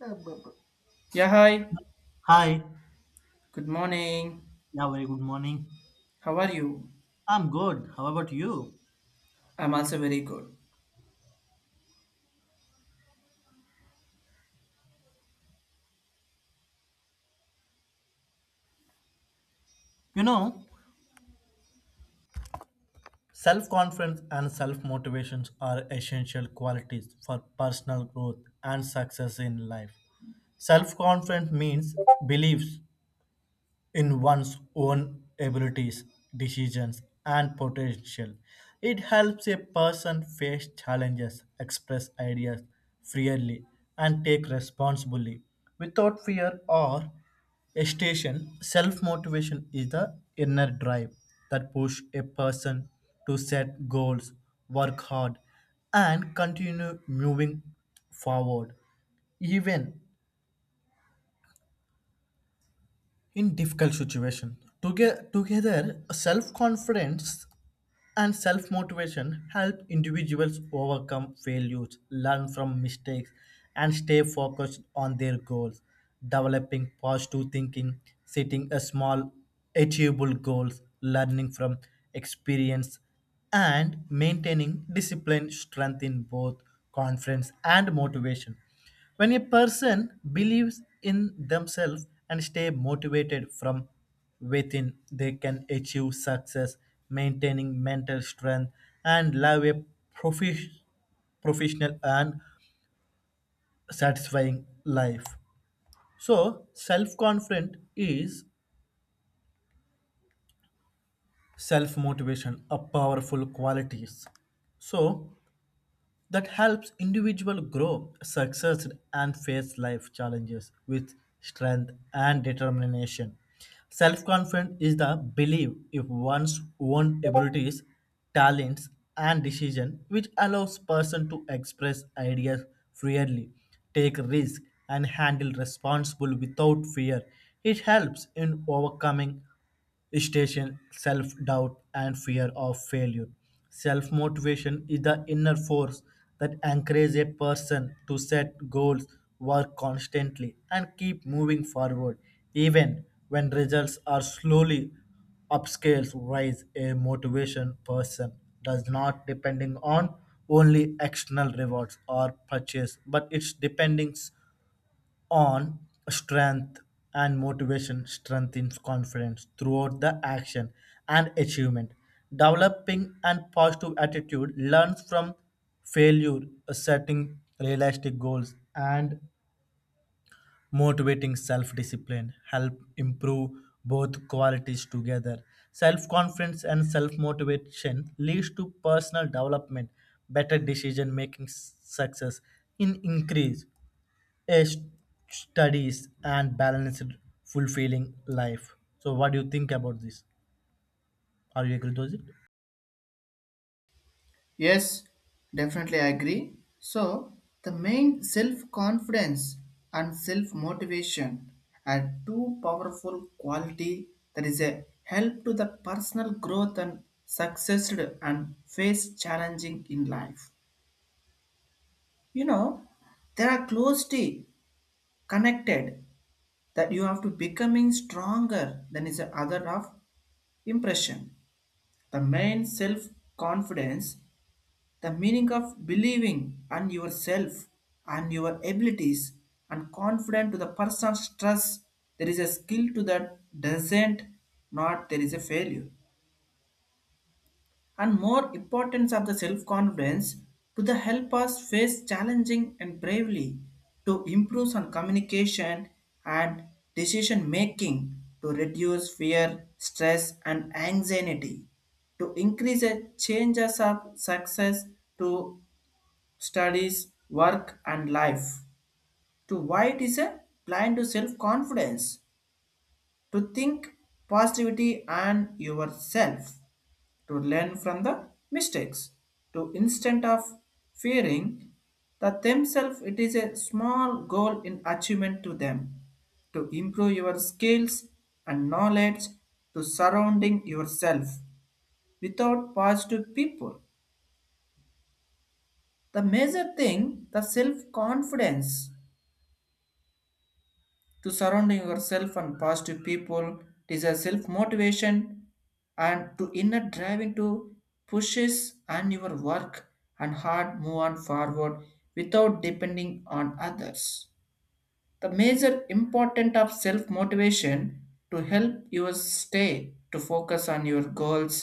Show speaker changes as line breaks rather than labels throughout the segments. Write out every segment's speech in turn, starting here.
Uh, bu- bu-
Yeah, hi.
Hi.
Good morning.
Yeah, very good morning.
How are you?
I'm good. How about you?
I'm also very good.
You know, self confidence and self motivations are essential qualities for personal growth and success in life. Self confidence means beliefs in one's own abilities, decisions, and potential. It helps a person face challenges, express ideas freely, and take responsibility without fear or hesitation. Self motivation is the inner drive that pushes a person to set goals, work hard, and continue moving forward even in difficult situation. Together self-confidence and self-motivation help individuals overcome failures, learn from mistakes, and stay focused on their goals. Developing positive thinking, setting a small achievable goals, learning from experience, and maintaining discipline strengthen both confidence and motivation. When a person believes in themselves and stay motivated from within, they can achieve success, maintaining mental strength and live a profi- professional and satisfying life. So, self-confidence is self-motivation, a powerful qualities. So, that helps individual grow, succeed, and face life challenges with strength and determination. Self-confidence is the belief in one's own abilities, talents, and decision, which allows person to express ideas freely, take risk, and handle responsible without fear. It helps in overcoming station, self doubt, and fear of failure. Self motivation is the inner force that encourages a person to set goals, work constantly, and keep moving forward, even when results are slowly upscales rise a motivation person does not depending on only external rewards or purchase, but it's depending on strength. And motivation strengthens confidence throughout the action and achievement. Developing and positive attitude, learns from failure, setting realistic goals, and motivating self-discipline help improve both qualities. Together, self-confidence and self-motivation leads to personal development, better decision making, success in increase a studies and balanced fulfilling life. So, what do you think about this? Are you agree to it?
Yes, definitely I agree. So, the main self confidence and self motivation are two powerful quality that is a help to the personal growth and success and face challenging in life. You know, they are closely connected that you have to becoming stronger than is the other of impression the main self confidence, the meaning of believing on yourself and your abilities and confident to the person's trust. There is a skill to that doesn't not there is a failure and more importance of the self-confidence to the help us face challenging and bravely to improve on communication and decision making to reduce fear stress and anxiety to increase the chances of success to studies work and life to why it is a blind to self-confidence to think positivity and yourself to learn from the mistakes, to instead of fearing that themselves it is a small goal in achievement to them, to improve your skills and knowledge, to surrounding yourself without positive people. The major thing, the self-confidence to surrounding yourself and positive people. It is a self motivation and to inner driving to pushes and your work and hard move on forward without depending on others. The major important of self motivation to help you stay to focus on your goals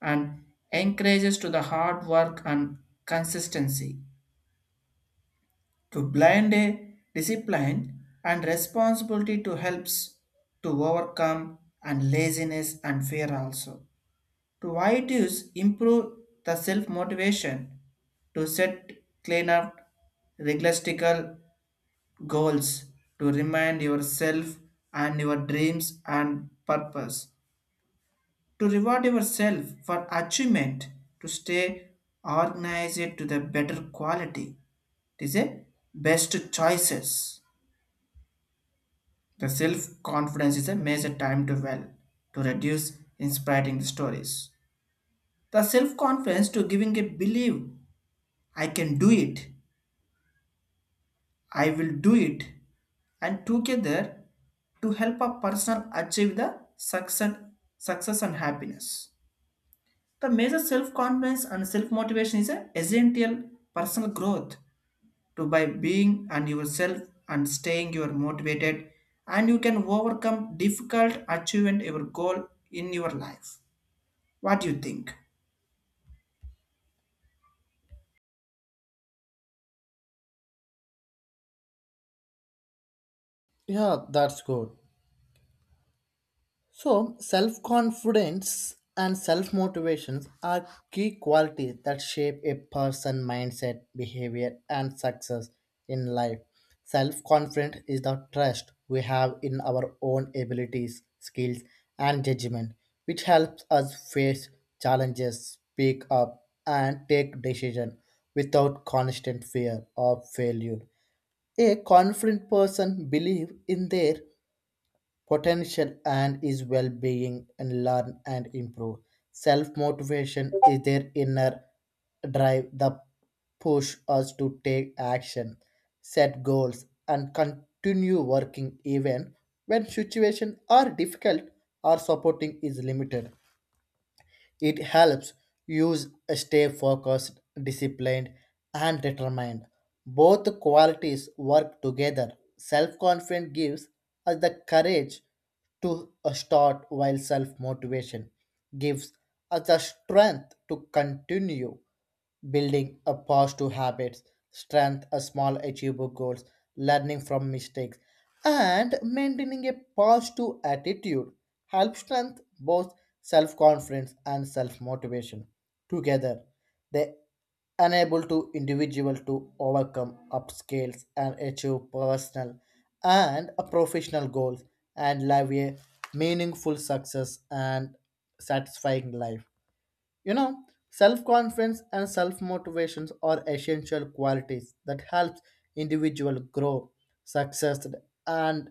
and encourages to the hard work and consistency to blind a discipline and responsibility to helps to overcome and laziness and fear also to why it is improve the self motivation to set clean up realistical goals to remind yourself and your dreams and purpose to reward yourself for achievement to stay organized to the better quality it is a best choices. The self-confidence is a major time to well to reduce inspiring stories. The self-confidence to giving a belief I can do it, I will do it, and together to help a person achieve the success, success and happiness. The major self-confidence and self-motivation is a essential personal growth to by being and yourself and staying you are motivated and you can overcome difficult achievement your goal in your life. What do you think?
Yeah, that's good. So, self confidence and self motivations are key qualities that shape a person's mindset, behavior, and success in life. Self confidence is the trust we have in our own abilities, skills, and judgment, which helps us face challenges, speak up, and take decisions without constant fear of failure. A confident person believes in their potential and is well-being and learn and improve. Self-motivation is their inner drive that push us to take action, set goals, and continue working even when situations are difficult or supporting is limited. It helps use stay focused, disciplined, and determined. Both qualities work together. Self confidence gives us the courage to start, while self motivation gives us the strength to continue building a positive habits, strength, a small achievable goals, learning from mistakes, and maintaining a positive attitude help strength both self confidence and self motivation. Together, they enable to individual to overcome obstacles and achieve personal and a professional goals and live a meaningful success and satisfying life. You know, self confidence and self motivations are essential qualities that helps individual grow, success, and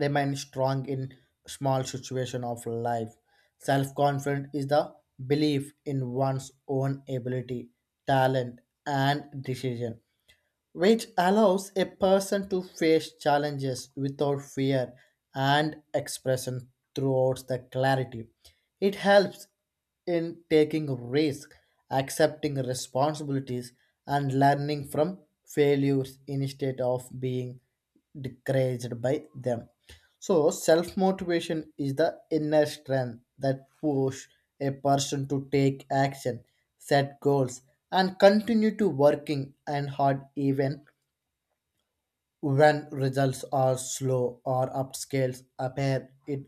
remain strong in small situations of life. Self confidence is the belief in one's own ability, talent, and decision, which allows a person to face challenges without fear and expression throughout the clarity. It helps in taking risks, accepting responsibilities, and learning from failures instead of being discouraged by them. So, self motivation is the inner strength that push a person to take action, set goals, and continue to working and hard even when results are slow or upscales appear. It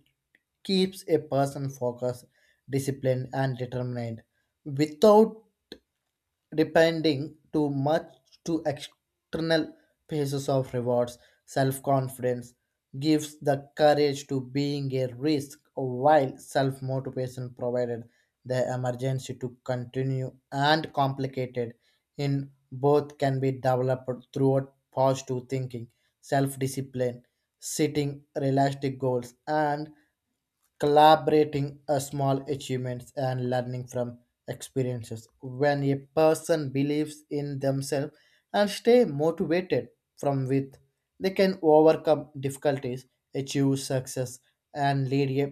keeps a person focused, disciplined, and determined without depending too much to external pieces of rewards. Self-confidence gives the courage to being a risk, while self-motivation provided the emergency to continue and complicated in both can be developed through positive thinking, self-discipline, setting realistic goals, and collaborating a small achievements and learning from experiences. When a person believes in themselves and stay motivated from with, they can overcome difficulties, achieve success, and lead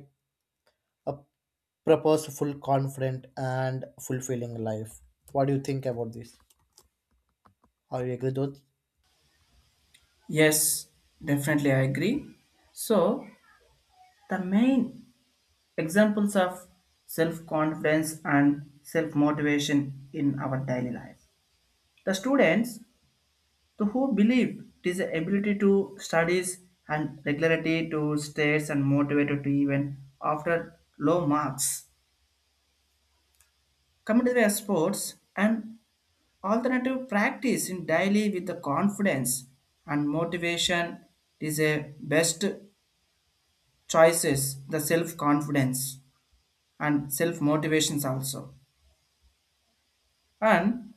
a purposeful confident and fulfilling life. What do you think about this? Are you agree with?
Yes, definitely I agree. So, the main examples of self confidence and self motivation in our daily life. The students to who believe it is the ability to studies and regularity to states and motivated to even after low marks. Coming to sports, and alternative practice in daily with the confidence and motivation is a best choices, the self-confidence and self-motivations also. And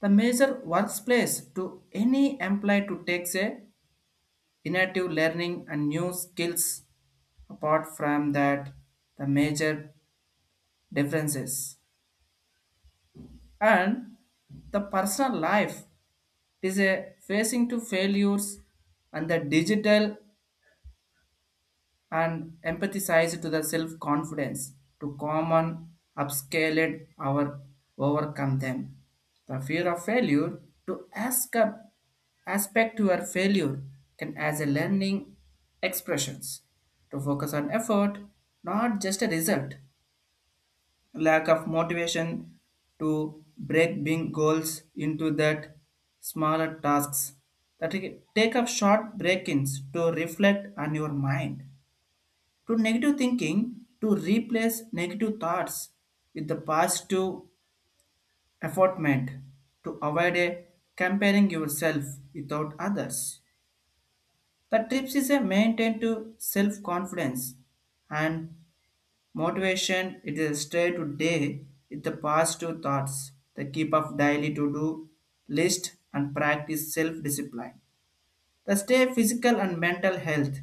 the major workplace to any employee to takes a innovative learning and new skills, apart from that the major differences and the personal life. It is a facing to failures and the digital and empathize to the self-confidence to common upscaled our overcome them. The fear of failure to ask up aspect to your failure can as a learning expressions to focus on effort, not just a result lack of motivation to break big goals into that smaller tasks, that is, take up short break-ins to reflect on your mind to negative thinking to replace negative thoughts with the positive effortment to avoid a comparing yourself without others. The tips is a maintain to self-confidence and motivation, it is stay today with the positive thoughts, the keep of daily to-do list and practice self-discipline. The stay physical and mental health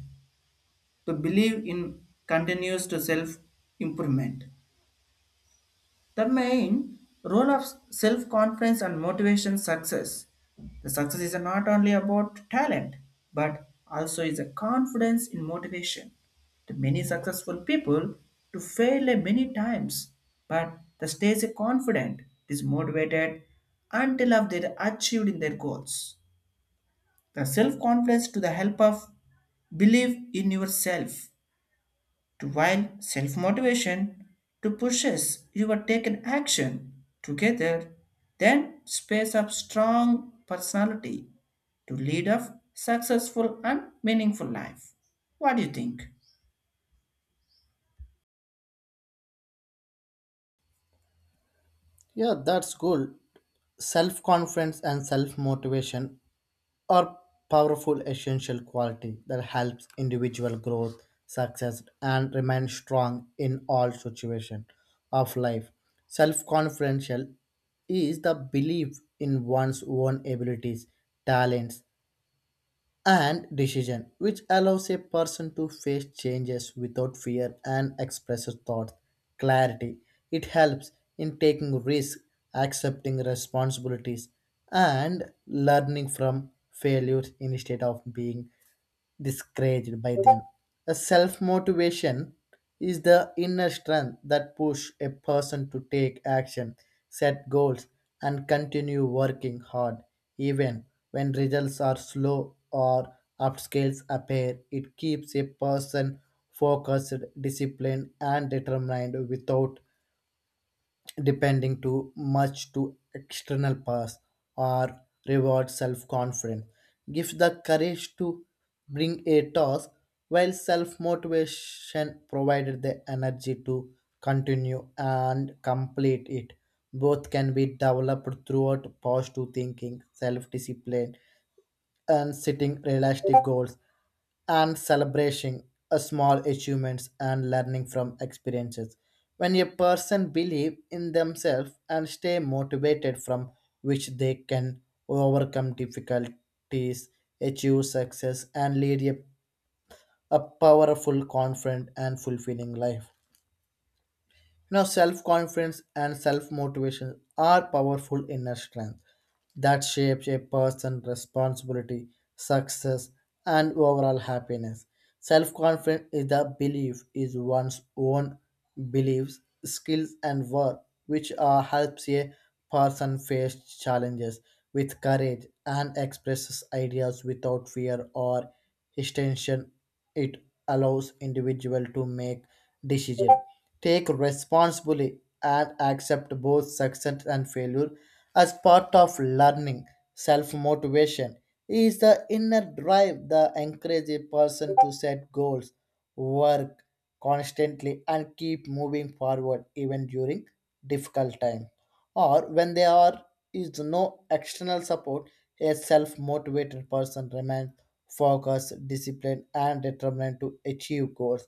to believe in continues to self-improvement. The main role of self confidence and motivation success. The success is not only about talent, but also is a confidence in motivation. The many successful people to fail a many times, but they stay confident, is motivated until of they achieved in their goals. The self confidence to the help of believe in yourself to while self-motivation to pushes your taken action together, then space of strong personality to lead a successful and meaningful life. What do you think?
Yeah, that's cool. Self confidence and self motivation are powerful essential quality that helps individual growth, success, and remain strong in all situations of life. Self-confidential is the belief in one's own abilities, talents, and decision, which allows a person to face changes without fear and express his thoughts. Clarity. It helps in taking risks, accepting responsibilities, and learning from failures instead of being discouraged by them. A self motivation is the inner strength that push a person to take action, set goals, and continue working hard, even when results are slow or upscales appear. It keeps a person focused, disciplined, and determined without depending too much to external paths or reward self-confidence. Give the courage to bring a task while self-motivation provided the energy to continue and complete it. Both can be developed throughout positive thinking, self-discipline, and setting realistic goals and celebrating a small achievements and learning from experiences. When a person believe in themselves and stay motivated from which they can overcome difficulties, achieve success, and lead a powerful, confident and fulfilling life. You know, self confidence and self motivation are powerful inner strength that shapes a person's responsibility, success, and overall happiness. Self confidence is the belief is one's own beliefs, skills, and worth, which helps a person face challenges with courage and expresses ideas without fear or hesitation. It allows individual to make decisions, take responsibly, and accept both success and failure as part of learning. Self motivation is the inner drive that encourages a person to set goals, work constantly, and keep moving forward even during difficult time or when there are is no external support. A self-motivated person remains focused, disciplined, and determined to achieve goals.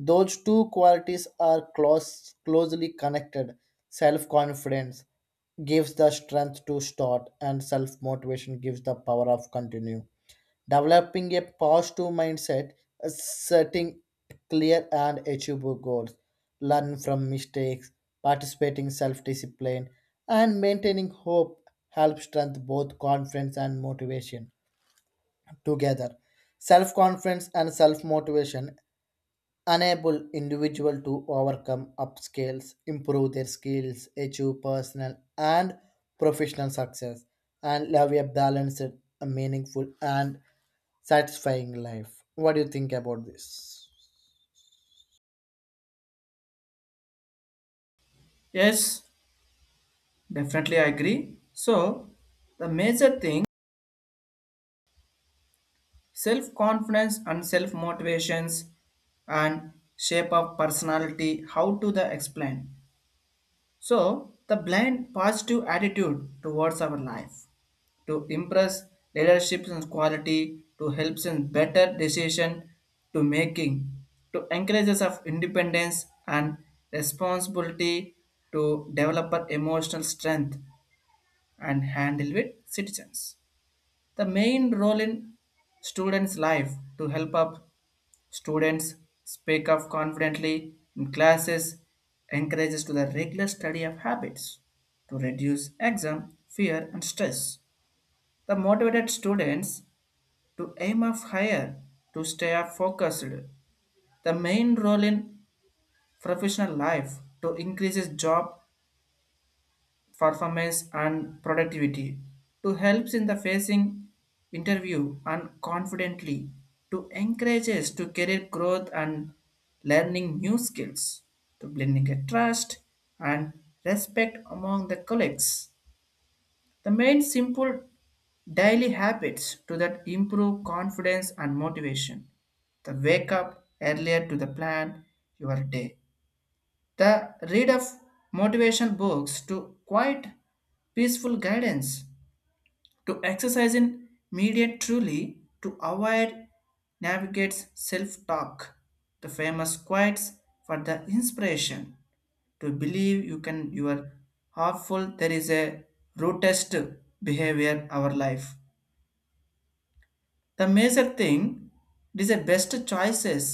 Those two qualities are closely connected. Self confidence gives the strength to start, and self motivation gives the power of continue. Developing a positive mindset, setting clear and achievable goals, learn from mistakes, participating self discipline, and maintaining hope help strengthen both confidence and motivation together. Self confidence and self motivation enable individual to overcome upscales, improve their skills, achieve personal and professional success, and live a balanced, a meaningful, and satisfying life. What do you think about this?
Yes, definitely I agree. So, the major thing self confidence and self motivations and shape of personality how to the explain, so the blind positive attitude towards our life to impress leadership and quality to helps in better decision to making to encourages of independence and responsibility to developer emotional strength and handle with citizens. The main role in students life to help up students speak up confidently in classes, encourages to the regular study of habits to reduce exam fear and stress. The motivated students to aim of higher, to stay up focused. The main role in professional life to increases job performance and productivity, to helps in the facing interview and confidently, to encourages to career growth and learning new skills, to blending a trust and respect among the colleagues. The main simple daily habits to that improve confidence and motivation. The wake up earlier to the plan your day. The read of motivation books to quiet peaceful guidance. To exercise in media truly to avoid navigates self-talk. The famous quotes for the inspiration to believe you can you are harmful there is a rudest behavior our life. The major thing, it is a best choices,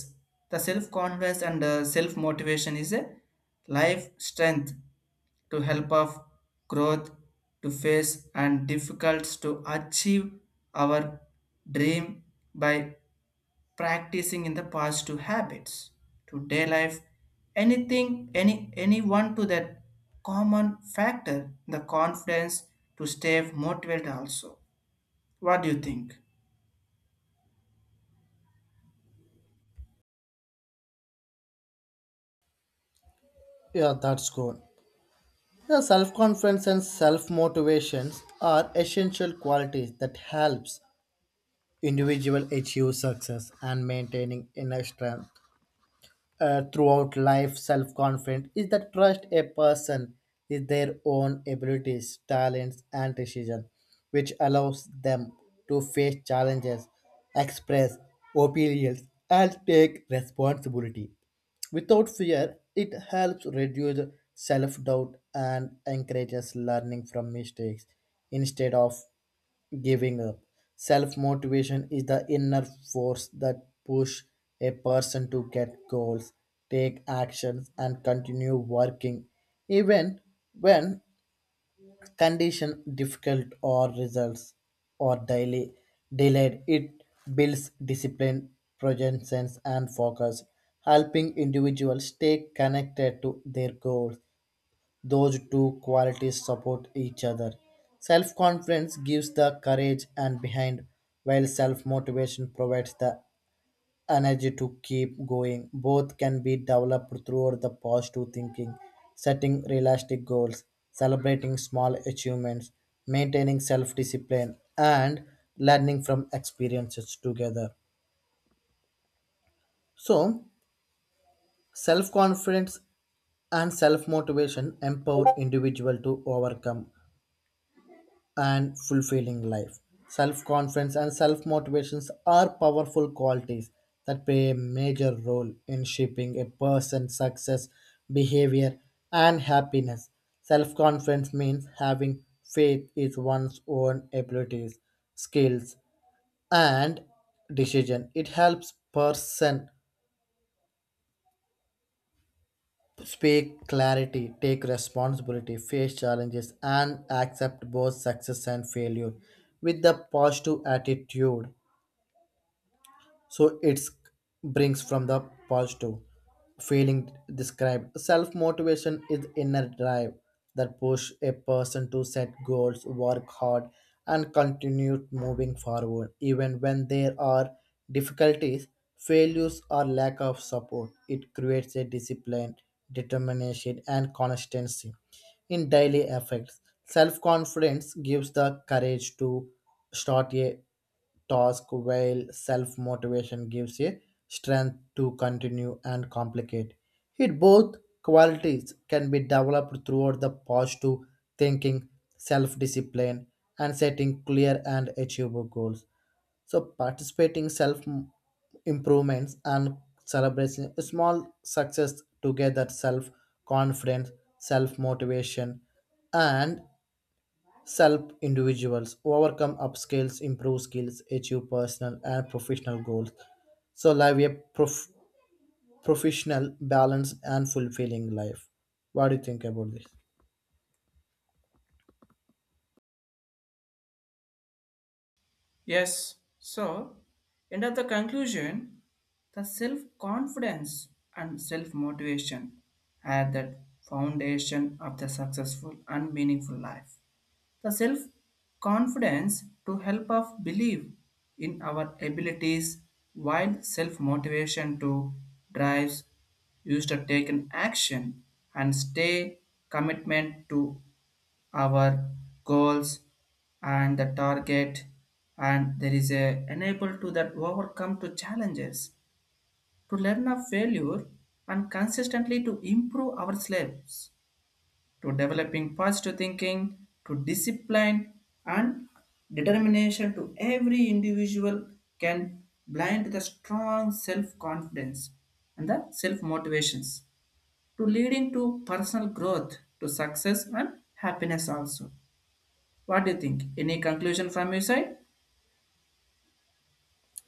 the self confidence and self motivation is a life strength to help of growth to face and difficulties to achieve our dream by practicing in the positive habits to today life, anything, any anyone to that common factor, the confidence to stay motivated also. What do you think?
Yeah, that's good. Yeah, self-confidence and self-motivations are essential qualities that helps individual achieve success and maintaining inner strength throughout life. Self-confidence is that trust a person with their own abilities, talents, and decision, which allows them to face challenges, express opinions, and take responsibility without fear. It helps reduce self-doubt and encourages learning from mistakes instead of giving up. Self motivation is the inner force that push a person to get goals, take actions, and continue working, even when condition difficult or results or daily delayed. It builds discipline, presence, and focus, helping individuals stay connected to their goals. Those two qualities support each other. Self confidence gives the courage and behind, while self motivation provides the energy to keep going. Both can be developed throughout the positive thinking, setting realistic goals, celebrating small achievements, maintaining self discipline, and learning from experiences together. So, self confidence and self motivation empower individual to overcome and fulfilling life. Self confidence and self motivations are powerful qualities that play a major role in shaping a person's success, behavior, and happiness. Self confidence means having faith in one's own abilities, skills, and decision. It helps person speak clarity, take responsibility, face challenges, and accept both success and failure. With the positive attitude, so it brings from the positive feeling described. Self motivation is inner drive that push a person to set goals, work hard, and continue moving forward even when there are difficulties, failures, or lack of support. It creates a discipline, determination, and consistency in daily effects. Self confidence gives the courage to start a task, while self motivation gives a strength to continue and complicate it. Both qualities can be developed throughout the positive thinking, self discipline, and setting clear and achievable goals. So, participating self improvements and celebration small success together self confidence, self motivation, and help individuals overcome upskills, improve skills, achieve personal and professional goals. So, live a professional, balanced and fulfilling life. What do you think about this?
Yes, so end of the conclusion, the self confidence and self motivation are the foundation of the successful and meaningful life. The self confidence to help us believe in our abilities while self motivation to drives used to take an action and stay commitment to our goals and the target, and there is a enable to that overcome to challenges to learn of failure and consistently to improve our slaves to developing positive thinking, to discipline and determination to every individual can blind the strong self-confidence and the self-motivations to leading to personal growth, to success and happiness also. What do you think? Any conclusion from your side?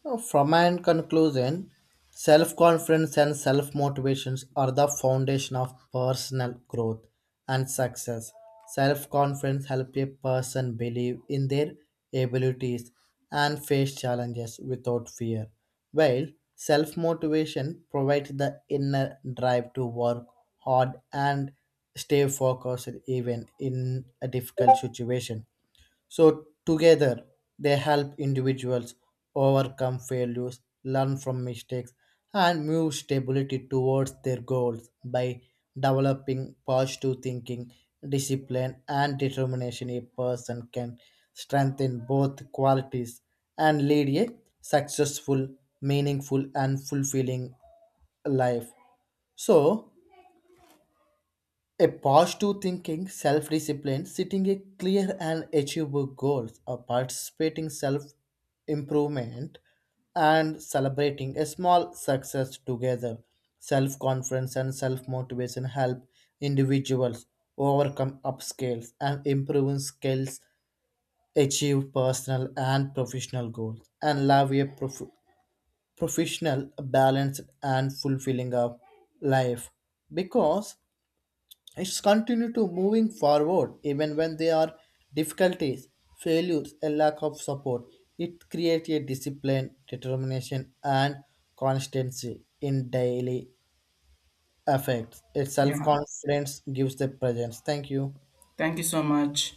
So, from an conclusion, self confidence and self motivations are the foundation of personal growth and success. Self confidence helps a person believe in their abilities and face challenges without fear, while self motivation provides the inner drive to work hard and stay focused even in a difficult situation. So, together, they help individuals overcome failures, learn from mistakes, and move stability towards their goals by developing positive thinking, discipline, and determination. A person can strengthen both qualities and lead a successful, meaningful, and fulfilling life. So, a positive thinking, self discipline, setting a clear and achievable goals, a participating self improvement, and celebrating a small success together. Self confidence and self motivation help individuals overcome upscales and improve skills, achieve personal and professional goals, and live a professional, balanced, and fulfilling of life. Because it's continue to moving forward even when there are difficulties, failures, and lack of support. It creates a discipline, determination, and constancy in daily affairs. Its
Yeah.
self-confidence gives the presence. Thank you.
Thank you so much.